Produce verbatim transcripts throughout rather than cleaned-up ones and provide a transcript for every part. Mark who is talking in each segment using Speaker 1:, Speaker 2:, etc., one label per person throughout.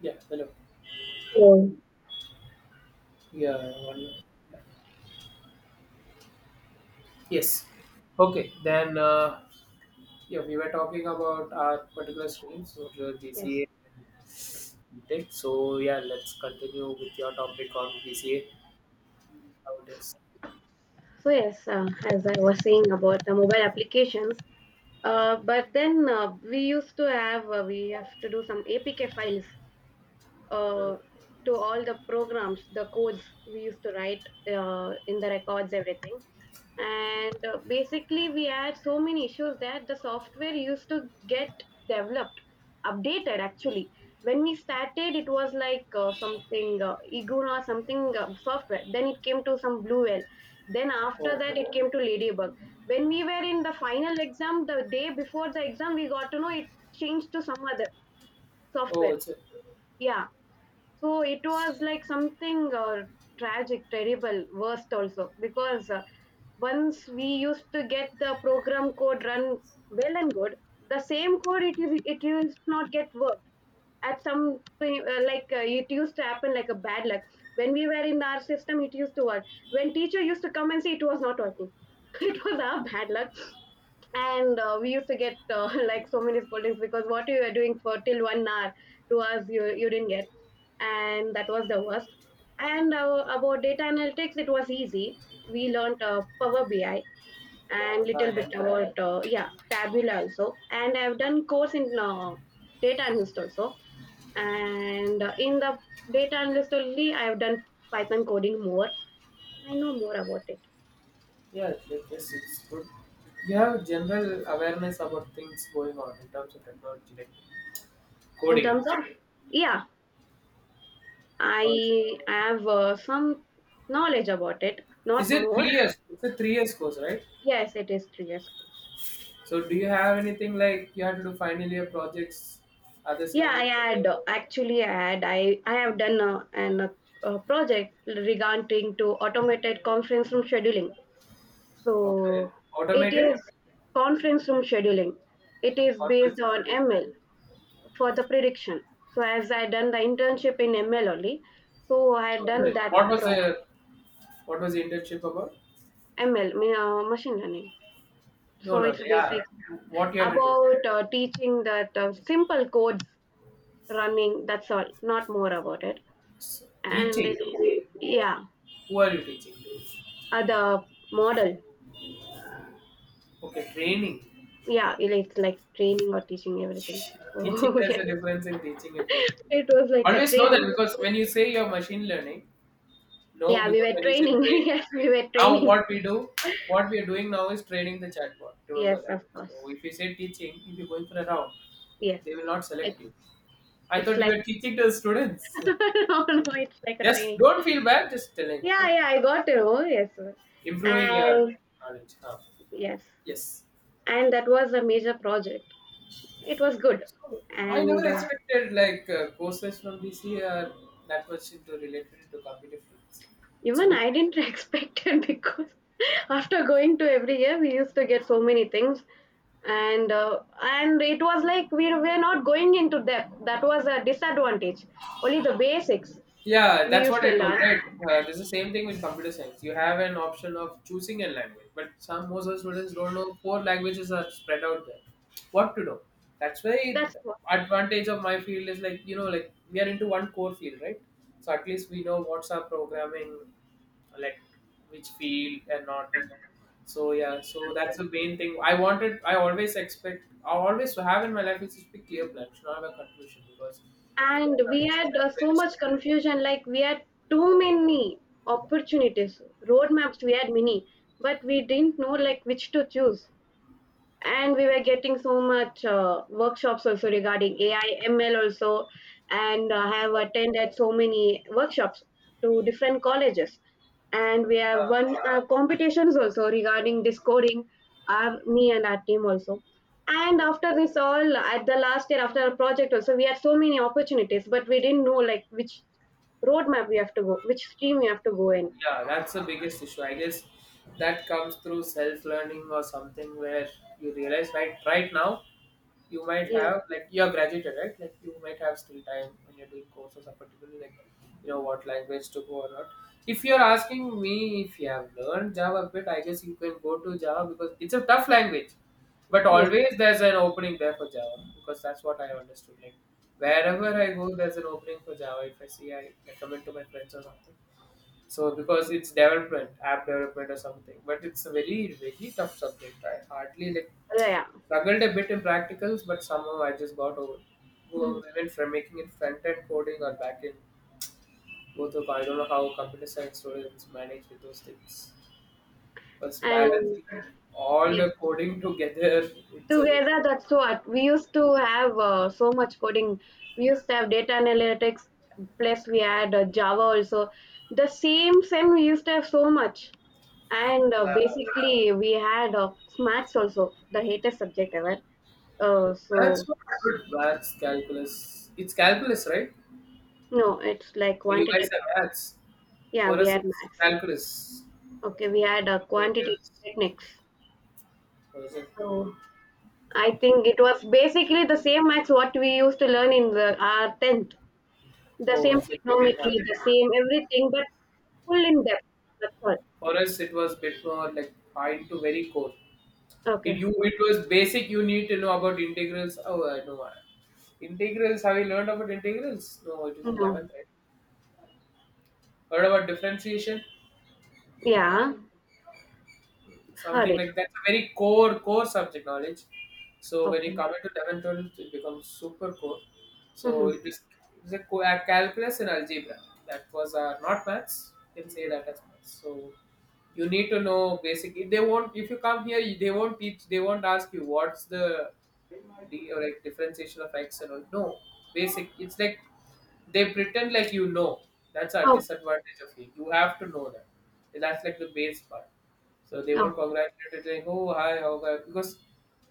Speaker 1: Yeah, hello.
Speaker 2: So,
Speaker 1: Yeah, one. Yes. Okay, then uh, yeah, we were talking about our particular streams, so the
Speaker 2: yes.
Speaker 1: B C A tech. So yeah, let's continue with your topic on B C A nowadays.
Speaker 2: So, yes, uh, as I was saying about the mobile applications, uh, but then uh, we used to have, uh, we have to do some A P K files
Speaker 1: Hmm.
Speaker 2: uh, to all the programs, the codes we used to write uh, in the records, everything. And uh, Basically we had so many issues that the software used to get developed, updated actually. When we started it was like uh, something uh, iguna or something uh, software, then it came to some blue whale, then after
Speaker 1: Oh,
Speaker 2: that it came to ladybug. When we were in the final exam, the day before the exam, we got to know it changed to some other
Speaker 1: oh,
Speaker 2: software.
Speaker 1: it's a,
Speaker 2: Yeah, so it was like something uh, tragic, terrible, worst also, because uh, once we used to get the program code run, well and good, the same code, it is it used to not get worked at some uh, like uh, it used to happen like a bad luck. When we were in our system it used to work; when teacher used to come and say it was not working, it was our bad luck. And uh, we used to get uh, like so many scoldings, because what you were doing for till one hour to us, you, you didn't get, and that was the worst. And uh, about data analytics, it was easy. We learned uh, Power B I and little
Speaker 1: uh,
Speaker 2: bit
Speaker 1: yeah,
Speaker 2: about uh, yeah, Tabula also. And I've done course in uh, data analyst also. And uh, in the data analyst only, I've done Python coding more. I know more about it
Speaker 1: yeah, it- this is good. You have general awareness about things going on in terms of technology, like
Speaker 2: in
Speaker 1: coding.
Speaker 2: terms of, yeah.
Speaker 1: Because
Speaker 2: I have uh, some knowledge about it,
Speaker 1: is
Speaker 2: not
Speaker 1: it
Speaker 2: more.
Speaker 1: three years? It's a three years course, right?
Speaker 2: Yes, it is three years course.
Speaker 1: So do you have anything like you have to do finally your projects, other
Speaker 2: Yeah,
Speaker 1: scenarios?
Speaker 2: I had uh, actually I had I I have done a, an a, a project regarding to automated conference room scheduling.
Speaker 1: Okay.
Speaker 2: So it
Speaker 1: Automated?
Speaker 2: is conference room scheduling. It is
Speaker 1: Conference
Speaker 2: based on
Speaker 1: schedule.
Speaker 2: M L for the prediction. So as I done
Speaker 1: Okay.
Speaker 2: the internship in M L only, so I had
Speaker 1: So is
Speaker 2: done
Speaker 1: it-
Speaker 2: that
Speaker 1: What was
Speaker 2: project.
Speaker 1: the what was the internship about?
Speaker 2: M L mean, uh, machine learning.
Speaker 1: No,
Speaker 2: So
Speaker 1: no,
Speaker 2: it's
Speaker 1: yeah.
Speaker 2: basic
Speaker 1: What you had to do?
Speaker 2: about uh, teaching that uh, simple codes running. That's all, not more about it.
Speaker 1: S-
Speaker 2: And
Speaker 1: Teaching.
Speaker 2: it, yeah.
Speaker 1: Who are you teaching?
Speaker 2: Uh, the model.
Speaker 1: Okay, training.
Speaker 2: Yeah, it- it's like training or teaching everything.
Speaker 1: Teaching,
Speaker 2: Oh,
Speaker 1: there's
Speaker 2: yeah.
Speaker 1: a difference in teaching and training.
Speaker 2: It was like a
Speaker 1: Always know that
Speaker 2: training.
Speaker 1: because when you say you're machine learning. No,
Speaker 2: Yeah, we
Speaker 1: because
Speaker 2: were
Speaker 1: when you said
Speaker 2: training.
Speaker 1: training,
Speaker 2: Yes, we were
Speaker 1: now
Speaker 2: training.
Speaker 1: what we do, what we are doing now is training the chatbot. Remember
Speaker 2: Yes,
Speaker 1: that.
Speaker 2: of course.
Speaker 1: So if you say teaching, if you're going for a round,
Speaker 2: Yes.
Speaker 1: they will not
Speaker 2: It,
Speaker 1: select you. I
Speaker 2: it's
Speaker 1: thought you
Speaker 2: like,
Speaker 1: were teaching to the students.
Speaker 2: no, no, it's like a
Speaker 1: Just
Speaker 2: training.
Speaker 1: don't feel bad. Just telling,
Speaker 2: Yeah,
Speaker 1: okay?
Speaker 2: yeah, I got it. Oh, yes.
Speaker 1: Improving your
Speaker 2: And
Speaker 1: knowledge. Huh.
Speaker 2: yes.
Speaker 1: Yes.
Speaker 2: And that was a major project. It was good.
Speaker 1: So I never
Speaker 2: And uh,
Speaker 1: expected like uh, courses from B C are that much into related to competitive fields. It's a
Speaker 2: Even
Speaker 1: good
Speaker 2: I
Speaker 1: thing.
Speaker 2: didn't expect it, because after going to every year, we used to get so many things, and uh, and it was like we were not going into depth. That was a disadvantage. Only the basics
Speaker 1: Yeah,
Speaker 2: we
Speaker 1: that's
Speaker 2: used
Speaker 1: what
Speaker 2: to
Speaker 1: I told,
Speaker 2: learn.
Speaker 1: right? Uh, this is the same thing with computer science. You have an option of choosing a language, but some most of the students don't know four languages are spread out there. What to know? That's why
Speaker 2: That's what.
Speaker 1: advantage of my field is like you know like we are into one core field, right? So at least we know what's our programming, like which field and not. So yeah, so that's the main thing. I wanted, I always expect, I always have in my life is to be clear plan, should not have a confusion because if you
Speaker 2: And
Speaker 1: have
Speaker 2: we
Speaker 1: confusion,
Speaker 2: had
Speaker 1: that's
Speaker 2: uh,
Speaker 1: very
Speaker 2: so
Speaker 1: stuck.
Speaker 2: much confusion. Like we had too many opportunities, roadmaps. We had many, but we didn't know like which to choose. And we were getting so much uh, workshops also regarding A I, M L also, and uh, have attended so many workshops to different colleges, and we
Speaker 1: 嗯，
Speaker 2: have won uh, competitions also regarding this coding. Our me and our team also. And after this all, at the last year after our project also, we had so many opportunities, but we didn't know like which roadmap we have to go, which stream we have to go in.
Speaker 1: Yeah, that's the biggest issue. I guess that comes through self learning or something where you realize right right now you might
Speaker 2: Yeah,
Speaker 1: have like you are graduated, right? Like you might have still time when you're doing courses or particularly like you know what language to go or not. If you're asking me if you have learned Java a bit, I guess you can go to Java because it's a tough language. But
Speaker 2: yeah,
Speaker 1: always there's an opening there for Java because that's what I understood. Like wherever I go, there's an opening for Java. If I see, I recommend to my friends or something. So because it's development, app development or something, but it's a very very tough subject. I hardly like
Speaker 2: yeah.
Speaker 1: struggled a bit in practicals, but somehow I just got over. Go even from making it front end coding or back end, both of I don't know how computer science students manage with those things. Because
Speaker 2: And
Speaker 1: balancing all
Speaker 2: yeah.
Speaker 1: the coding together, it's a very
Speaker 2: Together, that's what we used to have uh, so much coding. We used to have data analytics, plus we had uh, Java also. The same same. We used to have so much, and uh,
Speaker 1: yeah.
Speaker 2: basically we had uh, maths also, the hatest subject ever. Uh,
Speaker 1: Maths
Speaker 2: so
Speaker 1: was good. Maths, calculus. It's calculus, right?
Speaker 2: no, it's like
Speaker 1: For You guys
Speaker 2: quantitative.
Speaker 1: have maths.
Speaker 2: Yeah,
Speaker 1: For
Speaker 2: we
Speaker 1: us,
Speaker 2: had
Speaker 1: it's
Speaker 2: maths.
Speaker 1: calculus.
Speaker 2: Okay, we had uh, quantitative
Speaker 1: Because
Speaker 2: techniques.
Speaker 1: Or is it?
Speaker 2: So I think it was basically the same maths what we used to learn in the our tenth. The
Speaker 1: Oh,
Speaker 2: same
Speaker 1: is it medium
Speaker 2: economically,
Speaker 1: hard?
Speaker 2: the same everything, but full in depth. That's all.
Speaker 1: For us, it was bit more like fine to very core. It
Speaker 2: Okay.
Speaker 1: you it was basic. You need to know about integrals. Oh, I know. I- Integrals. Have you learned about integrals? No, it is
Speaker 2: No.
Speaker 1: eleventh. Right? Heard about differentiation?
Speaker 2: Yeah. Heard
Speaker 1: Something
Speaker 2: it.
Speaker 1: like that's a very core, core subject knowledge. So when you
Speaker 2: Okay.
Speaker 1: come into eleventh, it becomes super core. So
Speaker 2: Mm-hmm.
Speaker 1: it is it's a co- uh, calculus and algebra. That was uh, not maths. You can say that as maths. So you need to know basic. If they won't, if you come here, you- they won't teach. They won't ask you what's the d or like differentiation of x and all. No, basic. It's like they pretend like you know. That's our
Speaker 2: Okay.
Speaker 1: disadvantage of it. You have to know that. That's like the base part. So they
Speaker 2: Oh.
Speaker 1: won't congratulate it like, oh hi, how are because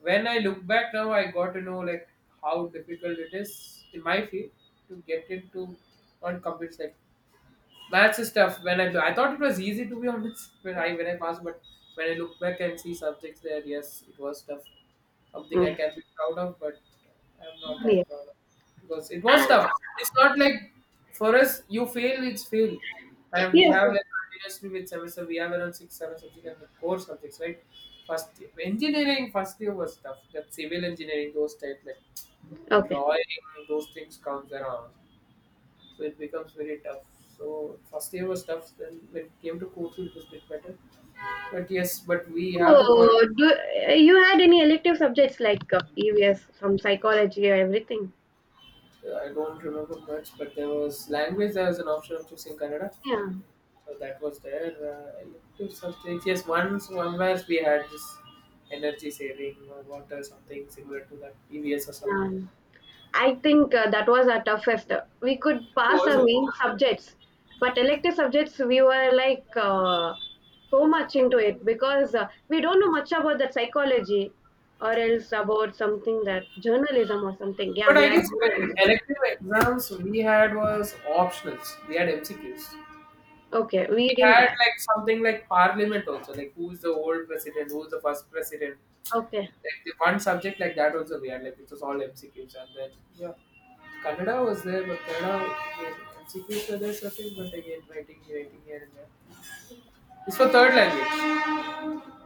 Speaker 1: when I look back now, I got to know like how difficult it is in my field to get into on computers like that's the stuff. When I I thought it was easy to be honest when I when I passed, but when I look back and see subjects there, yes, it was tough. Something I
Speaker 2: Yes.
Speaker 1: can be proud of, but I'm not that
Speaker 2: Yes.
Speaker 1: proud of because it was tough. It's not like for us you fail, it's fail, and we
Speaker 2: Yes.
Speaker 1: have like continuously with semester we have around six seven subjects and the core subjects right. First year- engineering first year was tough. That civil engineering those type like
Speaker 2: Okay.
Speaker 1: drawing those things comes around so it becomes very tough. So first year was tough. Then when it came to Kochi, it was a bit better. But yes, but we have the product.
Speaker 2: So, do uh, you had any elective subjects like uh, E V S from psychology or everything?
Speaker 1: Uh, I don't remember much, but there was language. There was an option of choosing Kannada,
Speaker 2: Yeah.
Speaker 1: so that was there. Uh, I looked at some things. Yes, once one where we had this energy saving or water something similar to that E V S or something.
Speaker 2: Yeah. I think uh, that was our toughest. We could
Speaker 1: Oh,
Speaker 2: pass
Speaker 1: is
Speaker 2: our
Speaker 1: it?
Speaker 2: main subjects, but elective subjects we were like uh, so much into it, because uh, we don't know much about that psychology or else about something that journalism or something. Yeah,
Speaker 1: But
Speaker 2: we
Speaker 1: I
Speaker 2: had
Speaker 1: guess when
Speaker 2: journalism.
Speaker 1: elective exams we had was optionals. We had M C Qs.
Speaker 2: Okay, we
Speaker 1: We
Speaker 2: didn't
Speaker 1: had
Speaker 2: add.
Speaker 1: like something like parliament also, like who's the old president, who's the first president.
Speaker 2: Okay,
Speaker 1: Like the one subject like that also we had, like it was all M C Qs and then yeah. Kannada was there, but Kannada again, M C Qs were there certain, but again writing, writing here and there. It's for third language.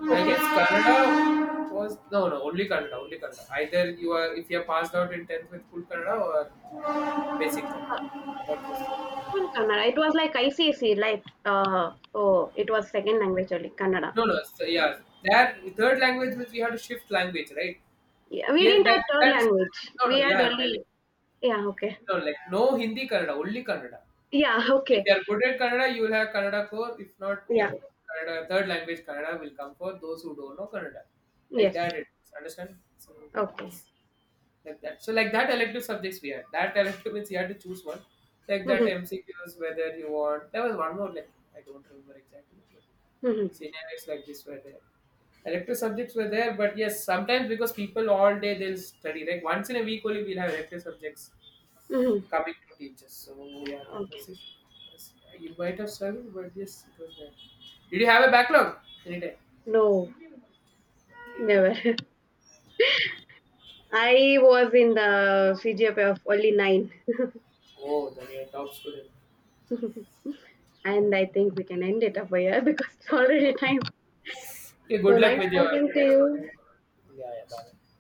Speaker 1: I
Speaker 2: okay.
Speaker 1: guess Kannada was no no only Kannada, only Kannada. Either you are if you are passed out in tenth with full Kannada or basic
Speaker 2: Uh,
Speaker 1: Kannada. That was
Speaker 2: well, Kannada. It was like I C C, like uh, oh, it was second language only, Kannada.
Speaker 1: No, no. So, yeah, that third language means we have to shift language, right?
Speaker 2: Yeah, we
Speaker 1: Here,
Speaker 2: didn't add
Speaker 1: that
Speaker 2: third
Speaker 1: that is
Speaker 2: language.
Speaker 1: no, no.
Speaker 2: We had
Speaker 1: Yeah, I'm telling.
Speaker 2: only, yeah. Okay.
Speaker 1: No, like no Hindi Kannada, only Kannada.
Speaker 2: Yeah.
Speaker 1: If
Speaker 2: Okay.
Speaker 1: you are good at Kannada, you will have Kannada core. If not,
Speaker 2: Yeah.
Speaker 1: like Kannada, third language Kannada will come for those who don't know Kannada. Like
Speaker 2: Yes.
Speaker 1: that, it is. Understand? So
Speaker 2: Okay.
Speaker 1: yes like that. So like that elective subjects we had. That elective means you had to choose one. Like that
Speaker 2: Mhm,
Speaker 1: M C Qs, whether you want. There was one more like I don't remember exactly. But
Speaker 2: mhm,
Speaker 1: scenarios like this were there. Elective subjects were there, but yes, sometimes because people all day they'll study. Like once in a week only we'll have elective subjects
Speaker 2: mhm.
Speaker 1: coming to teachers. So yeah, that
Speaker 2: Okay.
Speaker 1: was it. Yes, You might have struggled, but yes, it was there. Did you have a backlog? Anytime.
Speaker 2: No,
Speaker 1: Okay, good.
Speaker 2: never. I was in the C G P A of only nine,
Speaker 1: Oh, then you're a top student.
Speaker 2: and I think we can end it up here because it's already
Speaker 1: Okay.
Speaker 2: time.
Speaker 1: Okay,
Speaker 2: So
Speaker 1: good luck
Speaker 2: nice
Speaker 1: with your
Speaker 2: talking to
Speaker 1: next one.
Speaker 2: you.
Speaker 1: Yeah, yeah, bye.